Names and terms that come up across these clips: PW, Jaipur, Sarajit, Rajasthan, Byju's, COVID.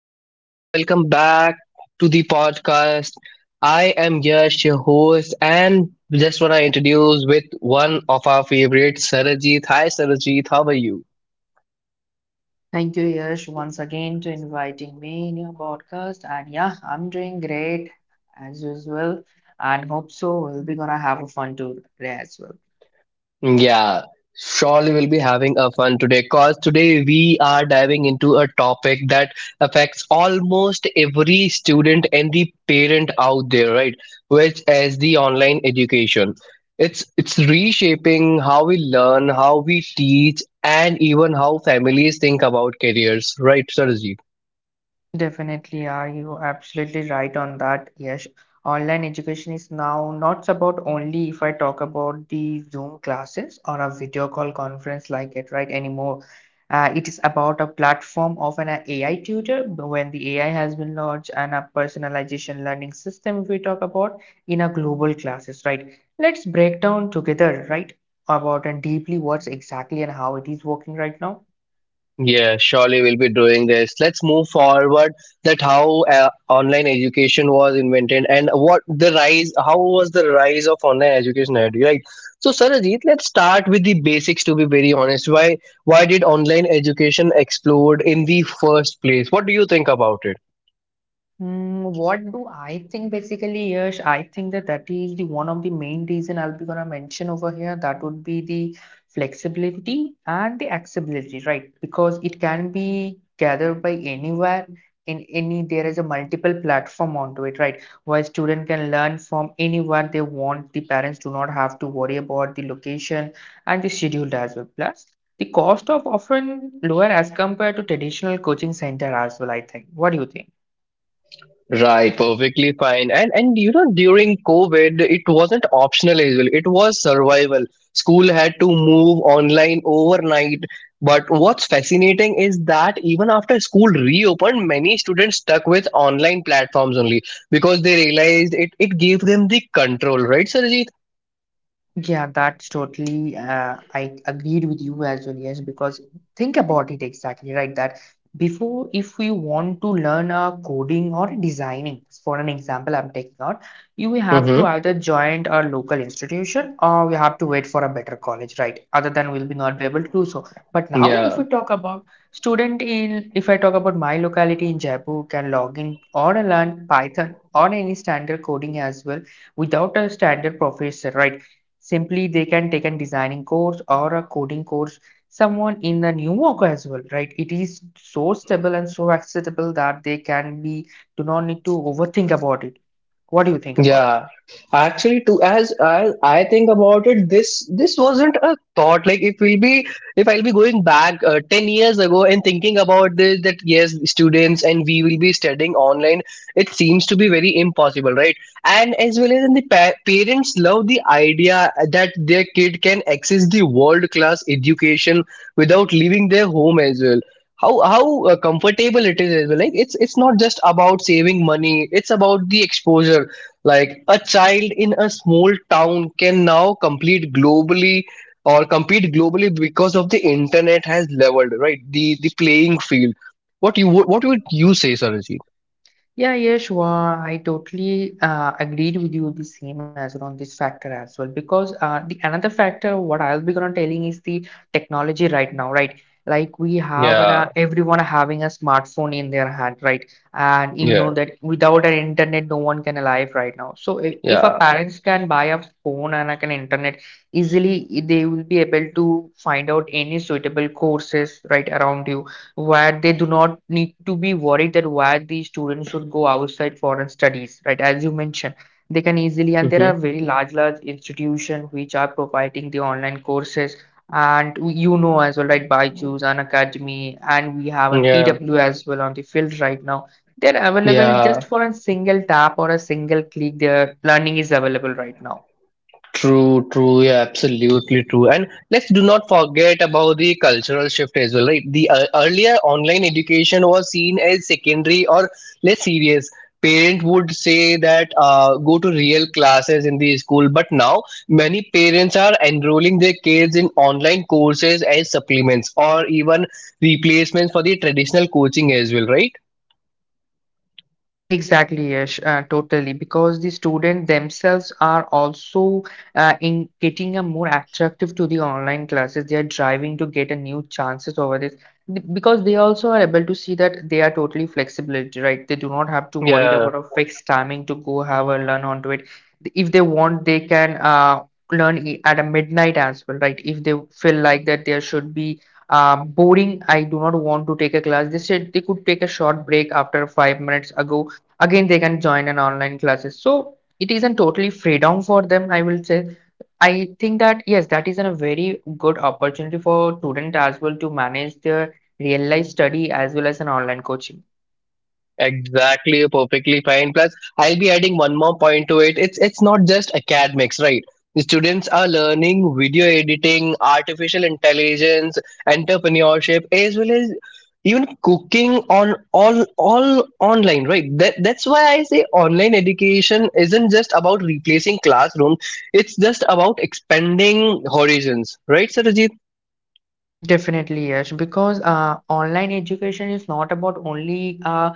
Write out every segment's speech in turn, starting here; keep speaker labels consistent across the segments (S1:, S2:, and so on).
S1: everyone, welcome back to the podcast. I am Yash, your host, and just want to introduce with one of our favorites, Sarajit. Hi Sarajit, how are you?
S2: Thank you, Yash, once again to inviting me in your podcast. And yeah, I'm doing great as usual, and hope so. We'll be gonna have a fun tour today as well.
S1: Yeah, surely we'll be having a fun today because today we are diving into a topic that affects almost every student and the parent out there, right? Which is the online education. It's reshaping how we learn, how we teach, and even how families think about careers, right, Sir?
S2: Definitely are you absolutely right on that, yes. Online education is now not about only if I talk about the Zoom classes or a video call conference like it, right, anymore. It is about a platform of an AI tutor when the AI has been launched and a personalization learning system if we talk about in a global classes, right? Let's break down together, right, about and deeply what's exactly and how it is working right now.
S1: Yeah, surely we'll be doing this. Let's move forward that how online education was invented and what the rise, how was the rise of online education, had, right? So, Sarajit, let's start with the basics to be very honest. Why did online education explode in the first place? What do you think about it?
S2: What do I think basically, Yash? I think that is the one of the main reason I'll be gonna mention over here. That would be the flexibility and the accessibility, right? Because it can be gathered by anywhere in any there is a multiple platform onto it, right? Where student can learn from anywhere they want. The parents do not have to worry about the location and the schedule as well. Plus, the cost of often lower as compared to traditional coaching center as well, I think. What do you think?
S1: Right, perfectly fine. And you know, during COVID, it wasn't optional as well. It was survival. School had to move online overnight. But what's fascinating is that even after school reopened, many students stuck with online platforms only because they realized it gave them the control, right, Sarjeet?
S2: Yeah, that's totally. I agreed with you as well. Yes, because think about it exactly, right? That before, if we want to learn a coding or designing, for an example, I'm taking out, you will have to
S1: Mm-hmm.
S2: either join a local institution or we have to wait for a better college, right? Other than we'll be not be able to do so. But now, if we
S1: Yeah.
S2: talk about student in, if I talk about my locality in Jaipur, can log in or learn Python or any standard coding as well without a standard professor, right? Simply, they can take a designing course or a coding course. Someone in the new work as well, right? It is so stable and so accessible that they can be do not need to overthink about it. What do you think about?
S1: Yeah, actually, too. As I think about it, this wasn't a thought. Like if we'll be if I'll be going back 10 years ago and thinking about this, that yes, students and we will be studying online. It seems to be very impossible, right? And as well as in the parents love the idea that their kid can access the world class education without leaving their home as well. How comfortable it is as well. Like it's not just about saving money. It's about the exposure like a child in a small town can now complete globally or compete globally because of the internet has leveled, right? The playing field. What would you say, Sarojit?
S2: Yeah, Yashwa, I totally agreed with you the same as well on this factor as well because the another factor what I'll be gonna telling is the technology right now, right? Like we have an
S1: Yeah,
S2: everyone having a smartphone in their hand, right? And you
S1: yeah,
S2: know that without an internet, no one can alive right now. So if a
S1: yeah.
S2: parents can buy a phone and like an internet easily, they will be able to find out any suitable courses right around you where they do not need to be worried that why the students should go outside foreign studies, right? As you mentioned, they can easily, and there are
S1: Hmm.
S2: very large, large institutions which are providing the online courses. And you know as well, right? Byju's and Academy, and we have an
S1: Yeah,
S2: PW as well on the field right now. They're available
S1: yeah.
S2: just for a single tap or a single click. Their learning is available right now.
S1: True, true, yeah, absolutely true. And let's do not forget about the cultural shift as well, right? The earlier online education was seen as secondary or less serious. Parent would say that go to real classes in the school, but now many parents are enrolling their kids in online courses as supplements or even replacements for the traditional coaching as well, right?
S2: Exactly, Yash, totally. Because the students themselves are also in getting a more attractive to the online classes. They are driving to get a new chances over this because they also are able to see that they are totally flexible, right? They do not have to worry
S1: Yeah.
S2: about a fixed timing to go have a learn onto it. If they want, they can learn at a midnight as well, right? If they feel like that there should be boring, I do not want to take a class. They said they could take a short break after 5 minutes ago again they can join an online classes, so it isn't totally freedom for them, I will say. I think that yes, that is a very good opportunity for student as well to manage their real life study as well as an online coaching.
S1: Exactly, you're perfectly fine. Plus, I'll be adding one more point to it. It's not just academics, right? The students are learning video editing, artificial intelligence, entrepreneurship, as well as even cooking on all online, right? That's why I say online education isn't just about replacing classroom. It's just about expanding horizons, right, Sarajit?
S2: Definitely, yes, because online education is not about only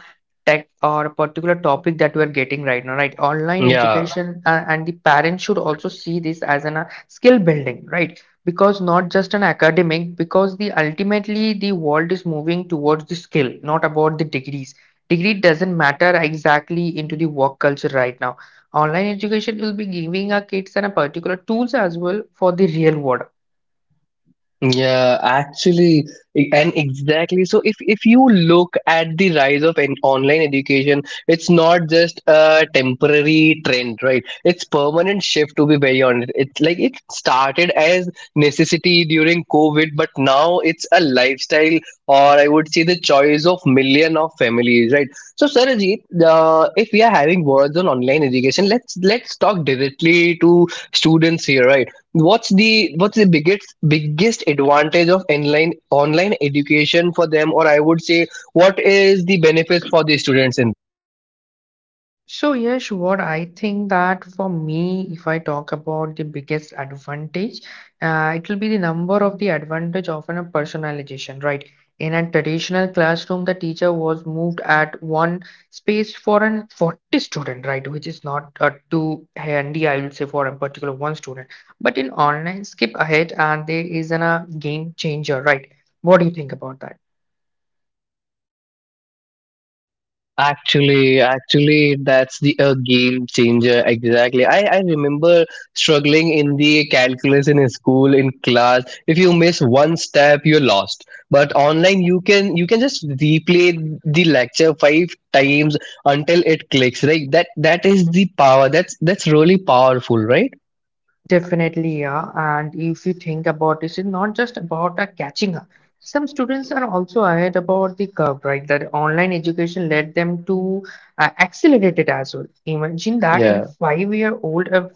S2: tech or a particular topic that we're getting right now, right? Online
S1: Yeah.
S2: education and the parents should also see this as an skill building, right? Because not just an academic, because the ultimately the world is moving towards the skill, not about the degrees. Degree doesn't matter exactly into the work culture right now. Online education will be giving our kids and a particular tools as well for the real world.
S1: Yeah, actually, and exactly. So if you look at the rise of an online education, it's not just a temporary trend, right? It's permanent shift to be very honest. It's like it started as necessity during COVID, but now it's a lifestyle or I would say the choice of million of families, right? So Sarajit, if we are having words on online education, let's talk directly to students here, right? What's the biggest advantage of online education for them or I would say what is the benefits for the students in.
S2: So, yes, what I think that for me, if I talk about the biggest advantage, it will be the number of the advantage of an, a personalization, right? In a traditional classroom, the teacher was moved at one space for an 40 student, right? Which is not too handy, I will say, for a particular one student. But in online, skip ahead and there is an, a game changer, right? What do you think about that?
S1: Actually, actually, that's the a game changer. Exactly. I remember struggling in the calculus in school in class. If you miss one step, you're lost. But online, you can just replay the lecture five times until it clicks. Right. That is the power. That's really powerful, right?
S2: Definitely, yeah. And if you think about this, it's not just about catching up. Some students are also ahead about the curve, right? That online education led them to accelerate it as well. Imagine that a
S1: Yeah.
S2: five-year-old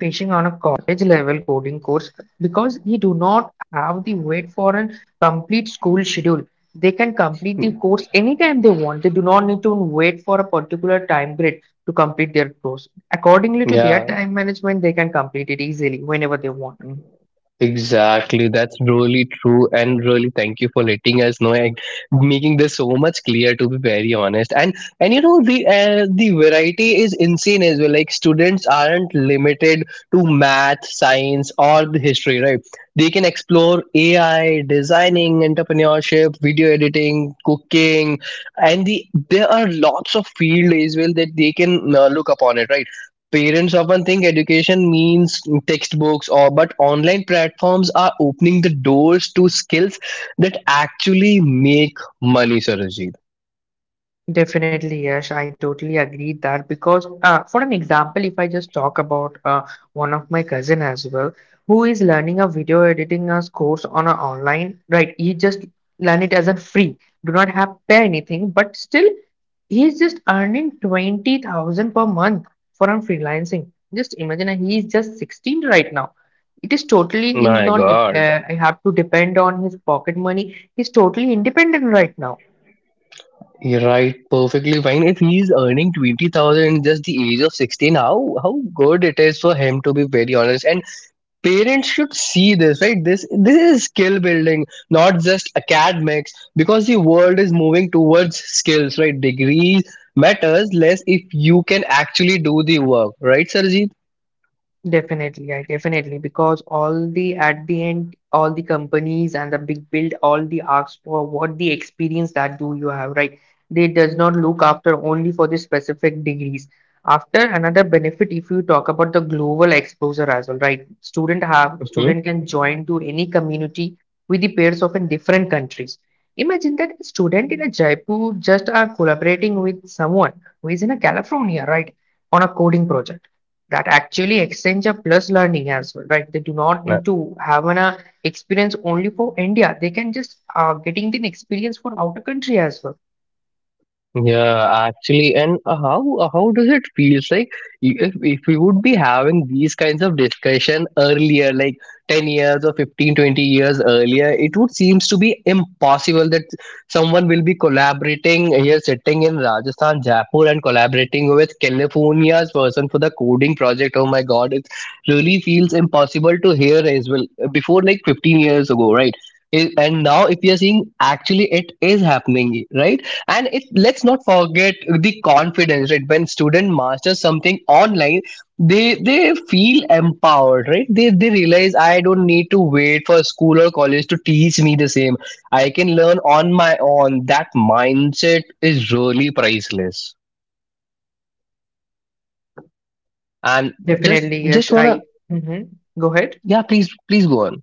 S2: teaching on a college-level coding course because he do not have the wait for a complete school schedule. They can complete the course anytime they want. They do not need to wait for a particular time grade to complete their course. Accordingly to their
S1: Yeah,
S2: time management, they can complete it easily whenever they want.
S1: Mm, exactly. That's really true. And really thank you for letting us know and making this so much clear to be very honest. And you know the variety is insane as well. Like students aren't limited to math, science or the history, right? They can explore AI, designing, entrepreneurship, video editing, cooking, and the there are lots of field as well that they can look upon it, right? Parents often think education means textbooks or but online platforms are opening the doors to skills that actually make money, Sarojit.
S2: Definitely, yes, I totally agree that because, for an example, if I just talk about one of my cousin as well, who is learning a video editing as course on a online, right? He just learn it as a free, do not have pay anything, but still he's just earning 20,000 per month from freelancing. Just imagine, he is just 16 right now. It is totally, he's
S1: My
S2: not,
S1: God.
S2: I have to depend on his pocket money. He's totally independent right now.
S1: You're right, perfectly fine. If he's earning 20,000 in just the age of 16, how good it is for him to be very honest. And parents should see this right, this is skill building not just academics because the world is moving towards skills right. Degree matters less if you can actually do the work, right Sarjeet?
S2: Definitely, yeah, definitely. Because all the at the end, all the companies and the big build, all the asks for what the experience that do you have, right? They does not look after only for the specific degrees. After another benefit, if you talk about the global exposure as well, right? Student have
S1: Mm-hmm.
S2: student can join to any community with the peers of in different countries. Imagine that a student in a Jaipur just are collaborating with someone who is in a California, right? On a coding project that actually extends a plus learning as well, right? They do not need to have an experience only for india. They can just getting the experience for outer country as well.
S1: Yeah, actually, and how does it feel like if we would be having these kinds of discussion earlier, like 10 years or 15, 20 years earlier, it would seems to be impossible that someone will be collaborating here sitting in Rajasthan, Jaipur and collaborating with California's person for the coding project. Oh my God, it really feels impossible to hear as well before like 15 years ago, right? And now if you're seeing actually it is happening, right? And it, let's not forget the confidence right when student masters something online, they feel empowered right, they realize I don't need to wait for school or college to teach me the same. I can learn on my own. That mindset is really priceless. And just
S2: Definitely, yes,
S1: just
S2: I.
S1: wanna
S2: Mhm. Go ahead.
S1: yeah please please go on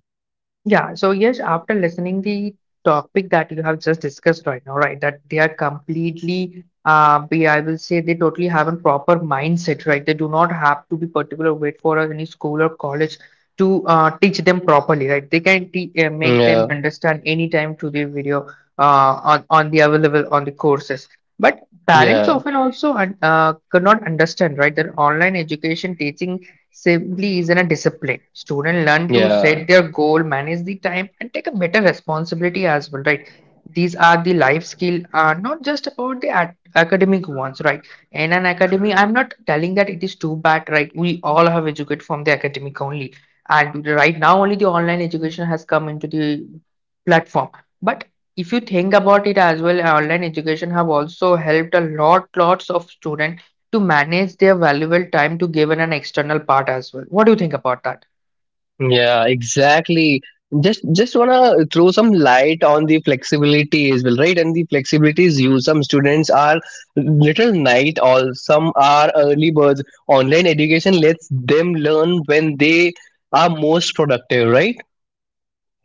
S2: Yeah, so yes, after listening the topic that you have just discussed right now, right, that they are completely, be I will say they totally have a proper mindset, right? They do not have to be particular wait for any school or college to teach them properly, right? They can te make them
S1: yeah
S2: understand anytime to the video on the available on the courses. But parents
S1: yeah
S2: often also could not understand, right? That online education teaching simply isn't a discipline. Students learn to
S1: yeah.
S2: set their goal, manage the time, and take a better responsibility as well, right? These are the life skill, not just about the academic ones, right? In an academy, I'm not telling that it is too bad, right? We all have educated from the academic only, and right now only the online education has come into the platform. But if you think about it as well, online education have also helped a lot, lots of students to manage their valuable time to give in an external part as well. What do you think about that?
S1: Yeah, exactly. Just wanna throw some light on the flexibility as well, right? And the flexibility is used. Some students are little night all, some are early birds. Online education lets them learn when they are most productive, right?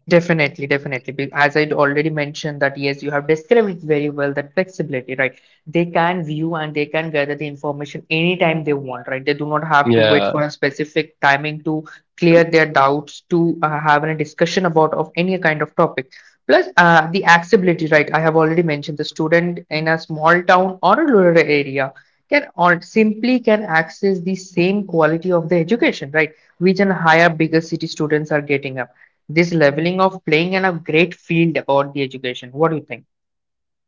S2: Definitely, definitely. As I'd already mentioned that yes, you have described it very well, that flexibility, right? They can view and they can gather the information anytime they want, right? They do not have to wait
S1: Yeah.
S2: for a specific timing to clear their doubts, to have a discussion about of any kind of topic. Plus, the accessibility, right? I have already mentioned the student in a small town or a rural area can all simply can access the same quality of the education, right? Which in higher, bigger city students are getting up this leveling of playing and a great field about the education. What do you think?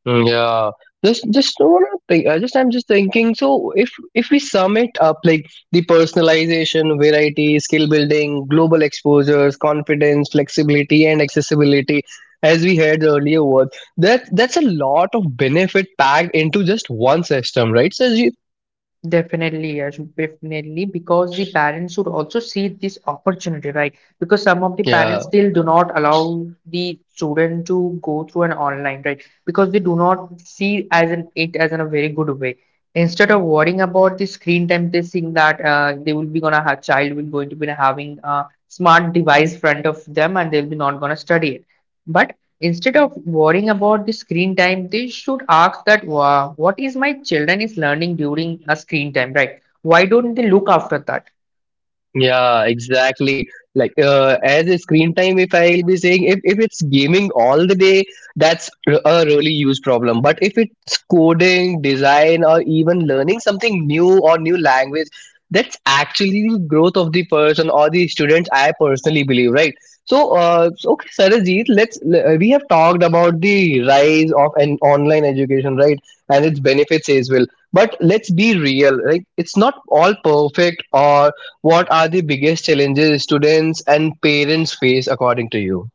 S1: Mm. Yeah, just what I think. I just I'm just thinking. So if we sum it up, like the personalization, variety, skill building, global exposures, confidence, flexibility, and accessibility, as we had earlier, was that's a lot of benefit packed into just one system, right? So you,
S2: Definitely, yes, definitely, because the parents should also see this opportunity, right? Because some of the
S1: yeah.
S2: parents still do not allow the student to go through an online, right? Because they do not see as an it as in a very good way. Instead of worrying about the screen time, they think that they will be gonna have child will going to be having a smart device front of them and they'll be not gonna study it. But instead of worrying about the screen time, they should ask that, wow, what is my children is learning during a screen time, right? Why don't they look after that?
S1: Yeah, exactly. Like as a screen time, if I'll be saying if it's gaming all the day, that's a really huge problem. But if it's coding, design, or even learning something new or new language, that's actually the growth of the person or the student. I personally believe, right? So, okay, Sarajit, we have talked about the rise of an online education, right, and its benefits as well. But let's be real, right? It's not all perfect or what are the biggest challenges students and parents face according to you?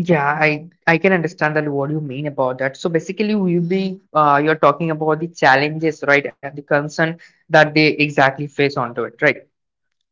S2: Yeah, I can understand that what you mean about that. So basically, we will be you're talking about the challenges, right, and the concern that they exactly face onto it, right?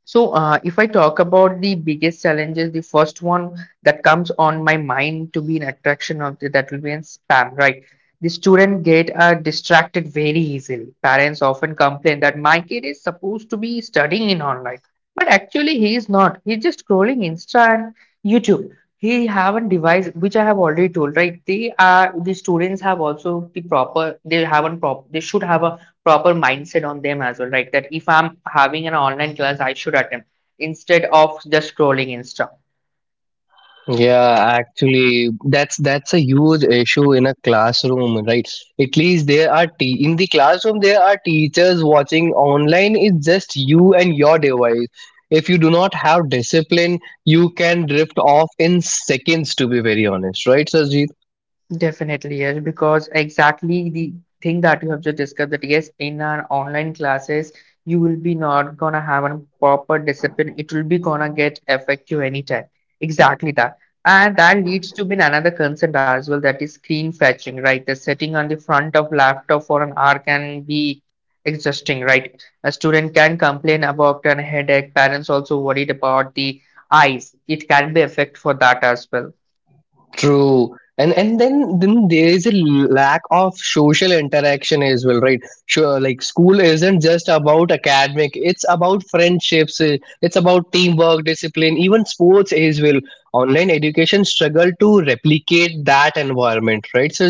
S2: So, if I talk about the biggest challenges, the first one that comes on my mind to be an attraction of the, that will be in spam, right? The student get distracted very easily. Parents often complain that my kid is supposed to be studying in online, but actually he is not. He's just scrolling Insta and YouTube. He have a device which I have already told, right? The students have also the proper. They should have a proper mindset on them as well, right? That if I'm having an online class, I should attend instead of just scrolling Insta.
S1: Yeah, actually, that's a huge issue in a classroom, right? At least there are in the classroom there are teachers watching. Online, it's just you and your device. If you do not have discipline, you can drift off in seconds. To be very honest, right? So
S2: Definitely, yes, because exactly the thing that you have just discussed that yes, in our online classes, you will be not gonna have a proper discipline. It will be gonna get affect you anytime. Exactly that. And that leads to been another concern as well, that is screen fetching, right? The sitting on the front of laptop for an hour can be exhausting, right? A student can complain about an headache. Parents also worried about the eyes. It can be affect for that as well.
S1: true. And then there is a lack of social interaction as well, right? Sure, like school isn't just about academic; it's about friendships, it's about teamwork, discipline, even sports as well. Online education struggle to replicate that environment, right, Sir?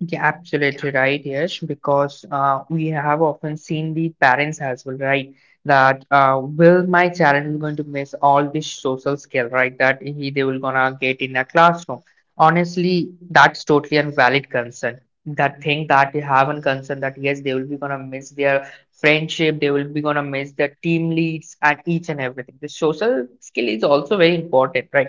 S2: Yeah, absolutely right, Yash, because we have often seen the parents as well, right? That will my child is going to miss all this social skill, right? That he they will gonna get in a classroom. Honestly, that's totally a valid concern. That thing that they have a concern that yes, they will be gonna miss their friendship, they will be gonna miss their team leads and each and everything. The social skill is also very important, right?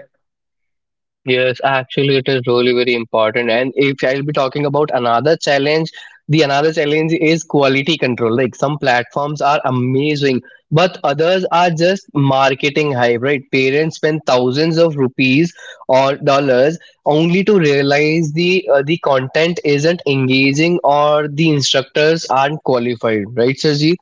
S1: Yes, actually, it is really very important. And if I'll be talking about another challenge, the another challenge is quality control. Like some platforms are amazing, but others are just marketing hype, right? Parents spend thousands of rupees or dollars only to realize the content isn't engaging or the instructors aren't qualified, right, Sirji?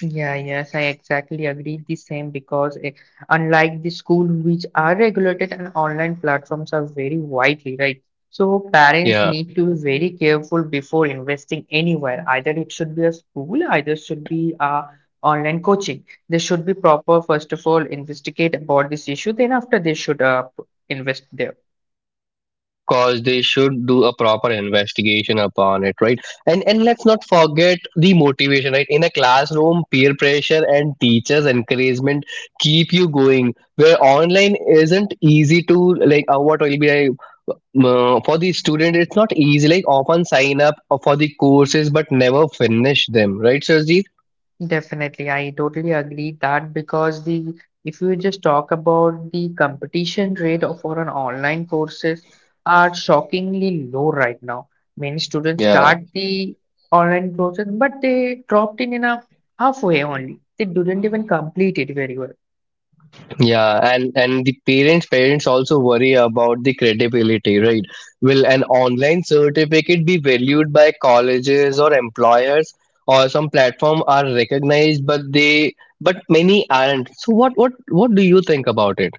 S2: Yeah, yes, I exactly agree the same because unlike the school which are regulated and online platforms are very widely, right? So parents
S1: Yeah.
S2: need to be very careful before investing anywhere. Either it should be a school, either should be a online coaching. They should be proper, first of all, investigate about this issue, then after they should invest there.
S1: Cause they should do a proper investigation upon it right. And let's not forget the motivation right, in a classroom peer pressure and teachers encouragement keep you going where online isn't easy to like what will be I, for the student it's not easy, like often sign up for the courses but never finish them right sir.
S2: Definitely, I totally agree that because the if you just talk about the competition rate of for an online courses are shockingly low right now. Many students start the online courses, but they dropped in a halfway only. They didn't even complete it very well.
S1: Yeah, and the parents also worry about the credibility, right? Will an online certificate be valued by colleges or employers, or some platform are recognized, but they but many aren't. So what do you think about it?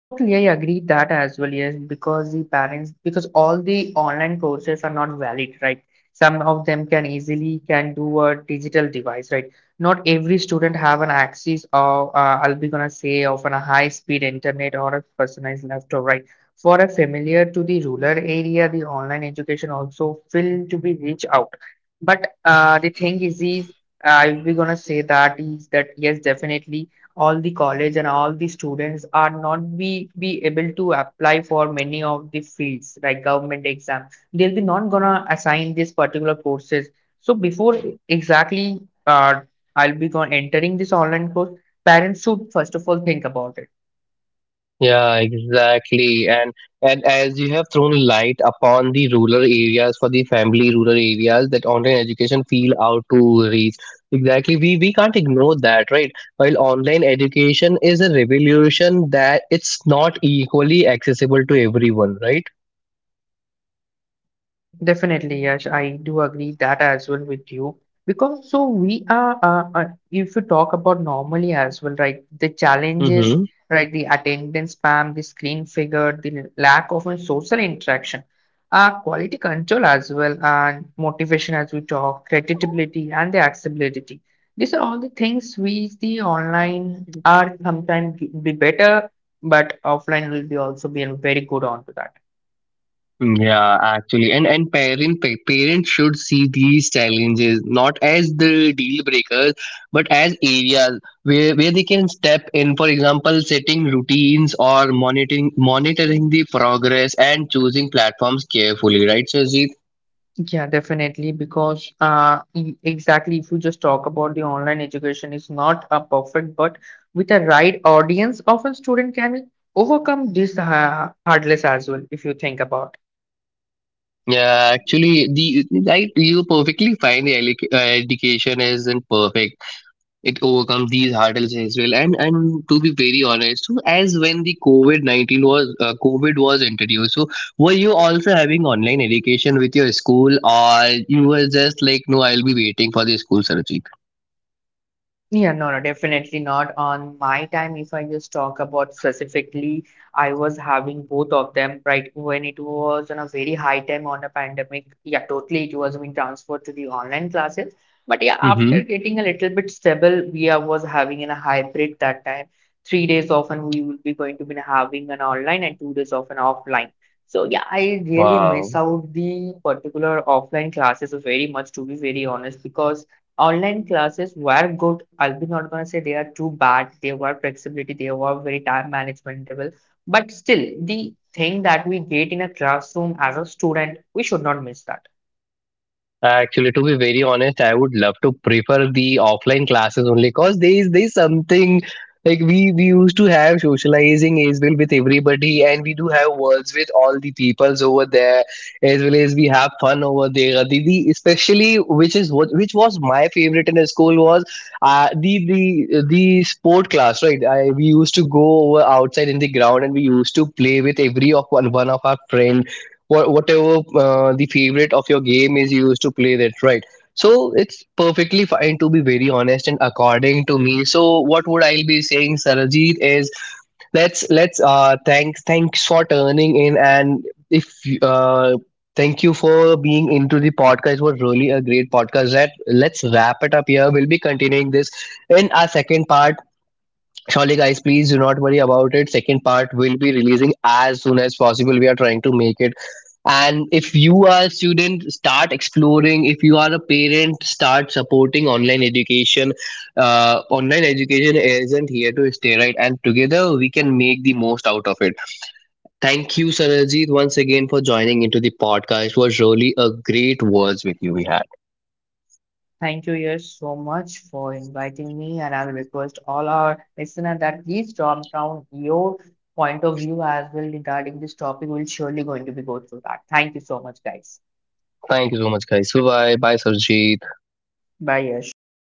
S2: Totally, I agree that as well. Yes, because the parents, because all the online courses are not valid, right? Some of them can easily can do a digital device, right? Not every student have an access of, I'll be gonna say of an, a high speed internet or a personalized laptop, right? For a familiar to the rural area, the online education also will to be reach out. But the thing is I'll be gonna say that is that yes, definitely all the college and all the students are not be able to apply for many of the fields like government exam they'll be not gonna assign this particular courses so before exactly uh, I'll be going entering this online course parents should first of all think about it.
S1: Yeah, exactly. And as you have thrown light upon the rural areas for the family rural areas that online education feel out to reach. Exactly. We can't ignore that, right? While online education is a revolution that it's not equally accessible to everyone, right?
S2: Definitely, Yash, I do agree that as well with you. Because so we are, if you talk about normally as well, right, the challenges,
S1: Mm-hmm.
S2: right, the attendance spam, the screen figure, the lack of a social interaction, quality control as well, and motivation as we talk, creditability and the accessibility. These are all the things we the online are sometimes be better, but offline will be also be very good onto that.
S1: Mm, Yeah, actually, and parents should see these challenges not as the deal breakers, but as areas where they can step in. For example, setting routines or monitoring the progress and choosing platforms carefully. Right, Sajid?
S2: Yeah, definitely. Because exactly, if you just talk about the online education, is not a perfect, but with a right audience, often student can overcome this hurdles as well. If you think about.
S1: Yeah, actually, the right you perfectly fine. The education isn't perfect, it overcome these hurdles as well. And to be very honest, so as when the COVID-19 was covid was introduced, so were you also having online education with your school or you were just like no I'll be waiting for the school surgery.
S2: Yeah, no, no, definitely not. On my time, if I just talk about specifically, I was having both of them, right? When it was on a very high time on a pandemic, yeah, totally it was being transferred to the online classes. But yeah,
S1: Mm-hmm.
S2: after getting a little bit stable, was having in a hybrid that time. 3 days often we will be going to be having an online and 2 days of an offline. So yeah, I really miss
S1: Wow.
S2: out the particular offline classes very much, to be very honest, because online classes were good. I'll be not gonna say they are too bad. They were flexibility, they were very time managementable. But still, the thing that we get in a classroom as a student, we should not miss that.
S1: Actually, to be very honest, I would love to prefer the offline classes only because there is something like we used to have socializing as well with everybody, and we do have words with all the peoples over there as well as we have fun over there. The especially which is what which was my favorite in the school was the sport class right. I we used to go over outside in the ground and we used to play with every of one one of our friends whatever the favorite of your game is, you used to play that right. So it's perfectly fine to be very honest, and according to me, so what would I be saying Sarajit is let's thanks thanks for turning in and if you- thank you for being into the podcast. It was really a great podcast. That, let's wrap it up here, we'll be continuing this in our second part. Surely guys, please do not worry about it, second part will be releasing as soon as possible, we are trying to make it. And if you are a student start exploring, if you are a parent start supporting online education. Online education isn't here to stay right, and together we can make the most out of it. Thank you Sarajit once again for joining into the podcast, it was really a great words with you we had.
S2: Thank you, Yash, so much for inviting me, and I'll request all our listeners that please drop down your point of view as well regarding this topic. We'll surely going to be go through that. Thank you so much, guys.
S1: Thank you so much guys, bye bye Sarajit.
S2: Bye, Yash.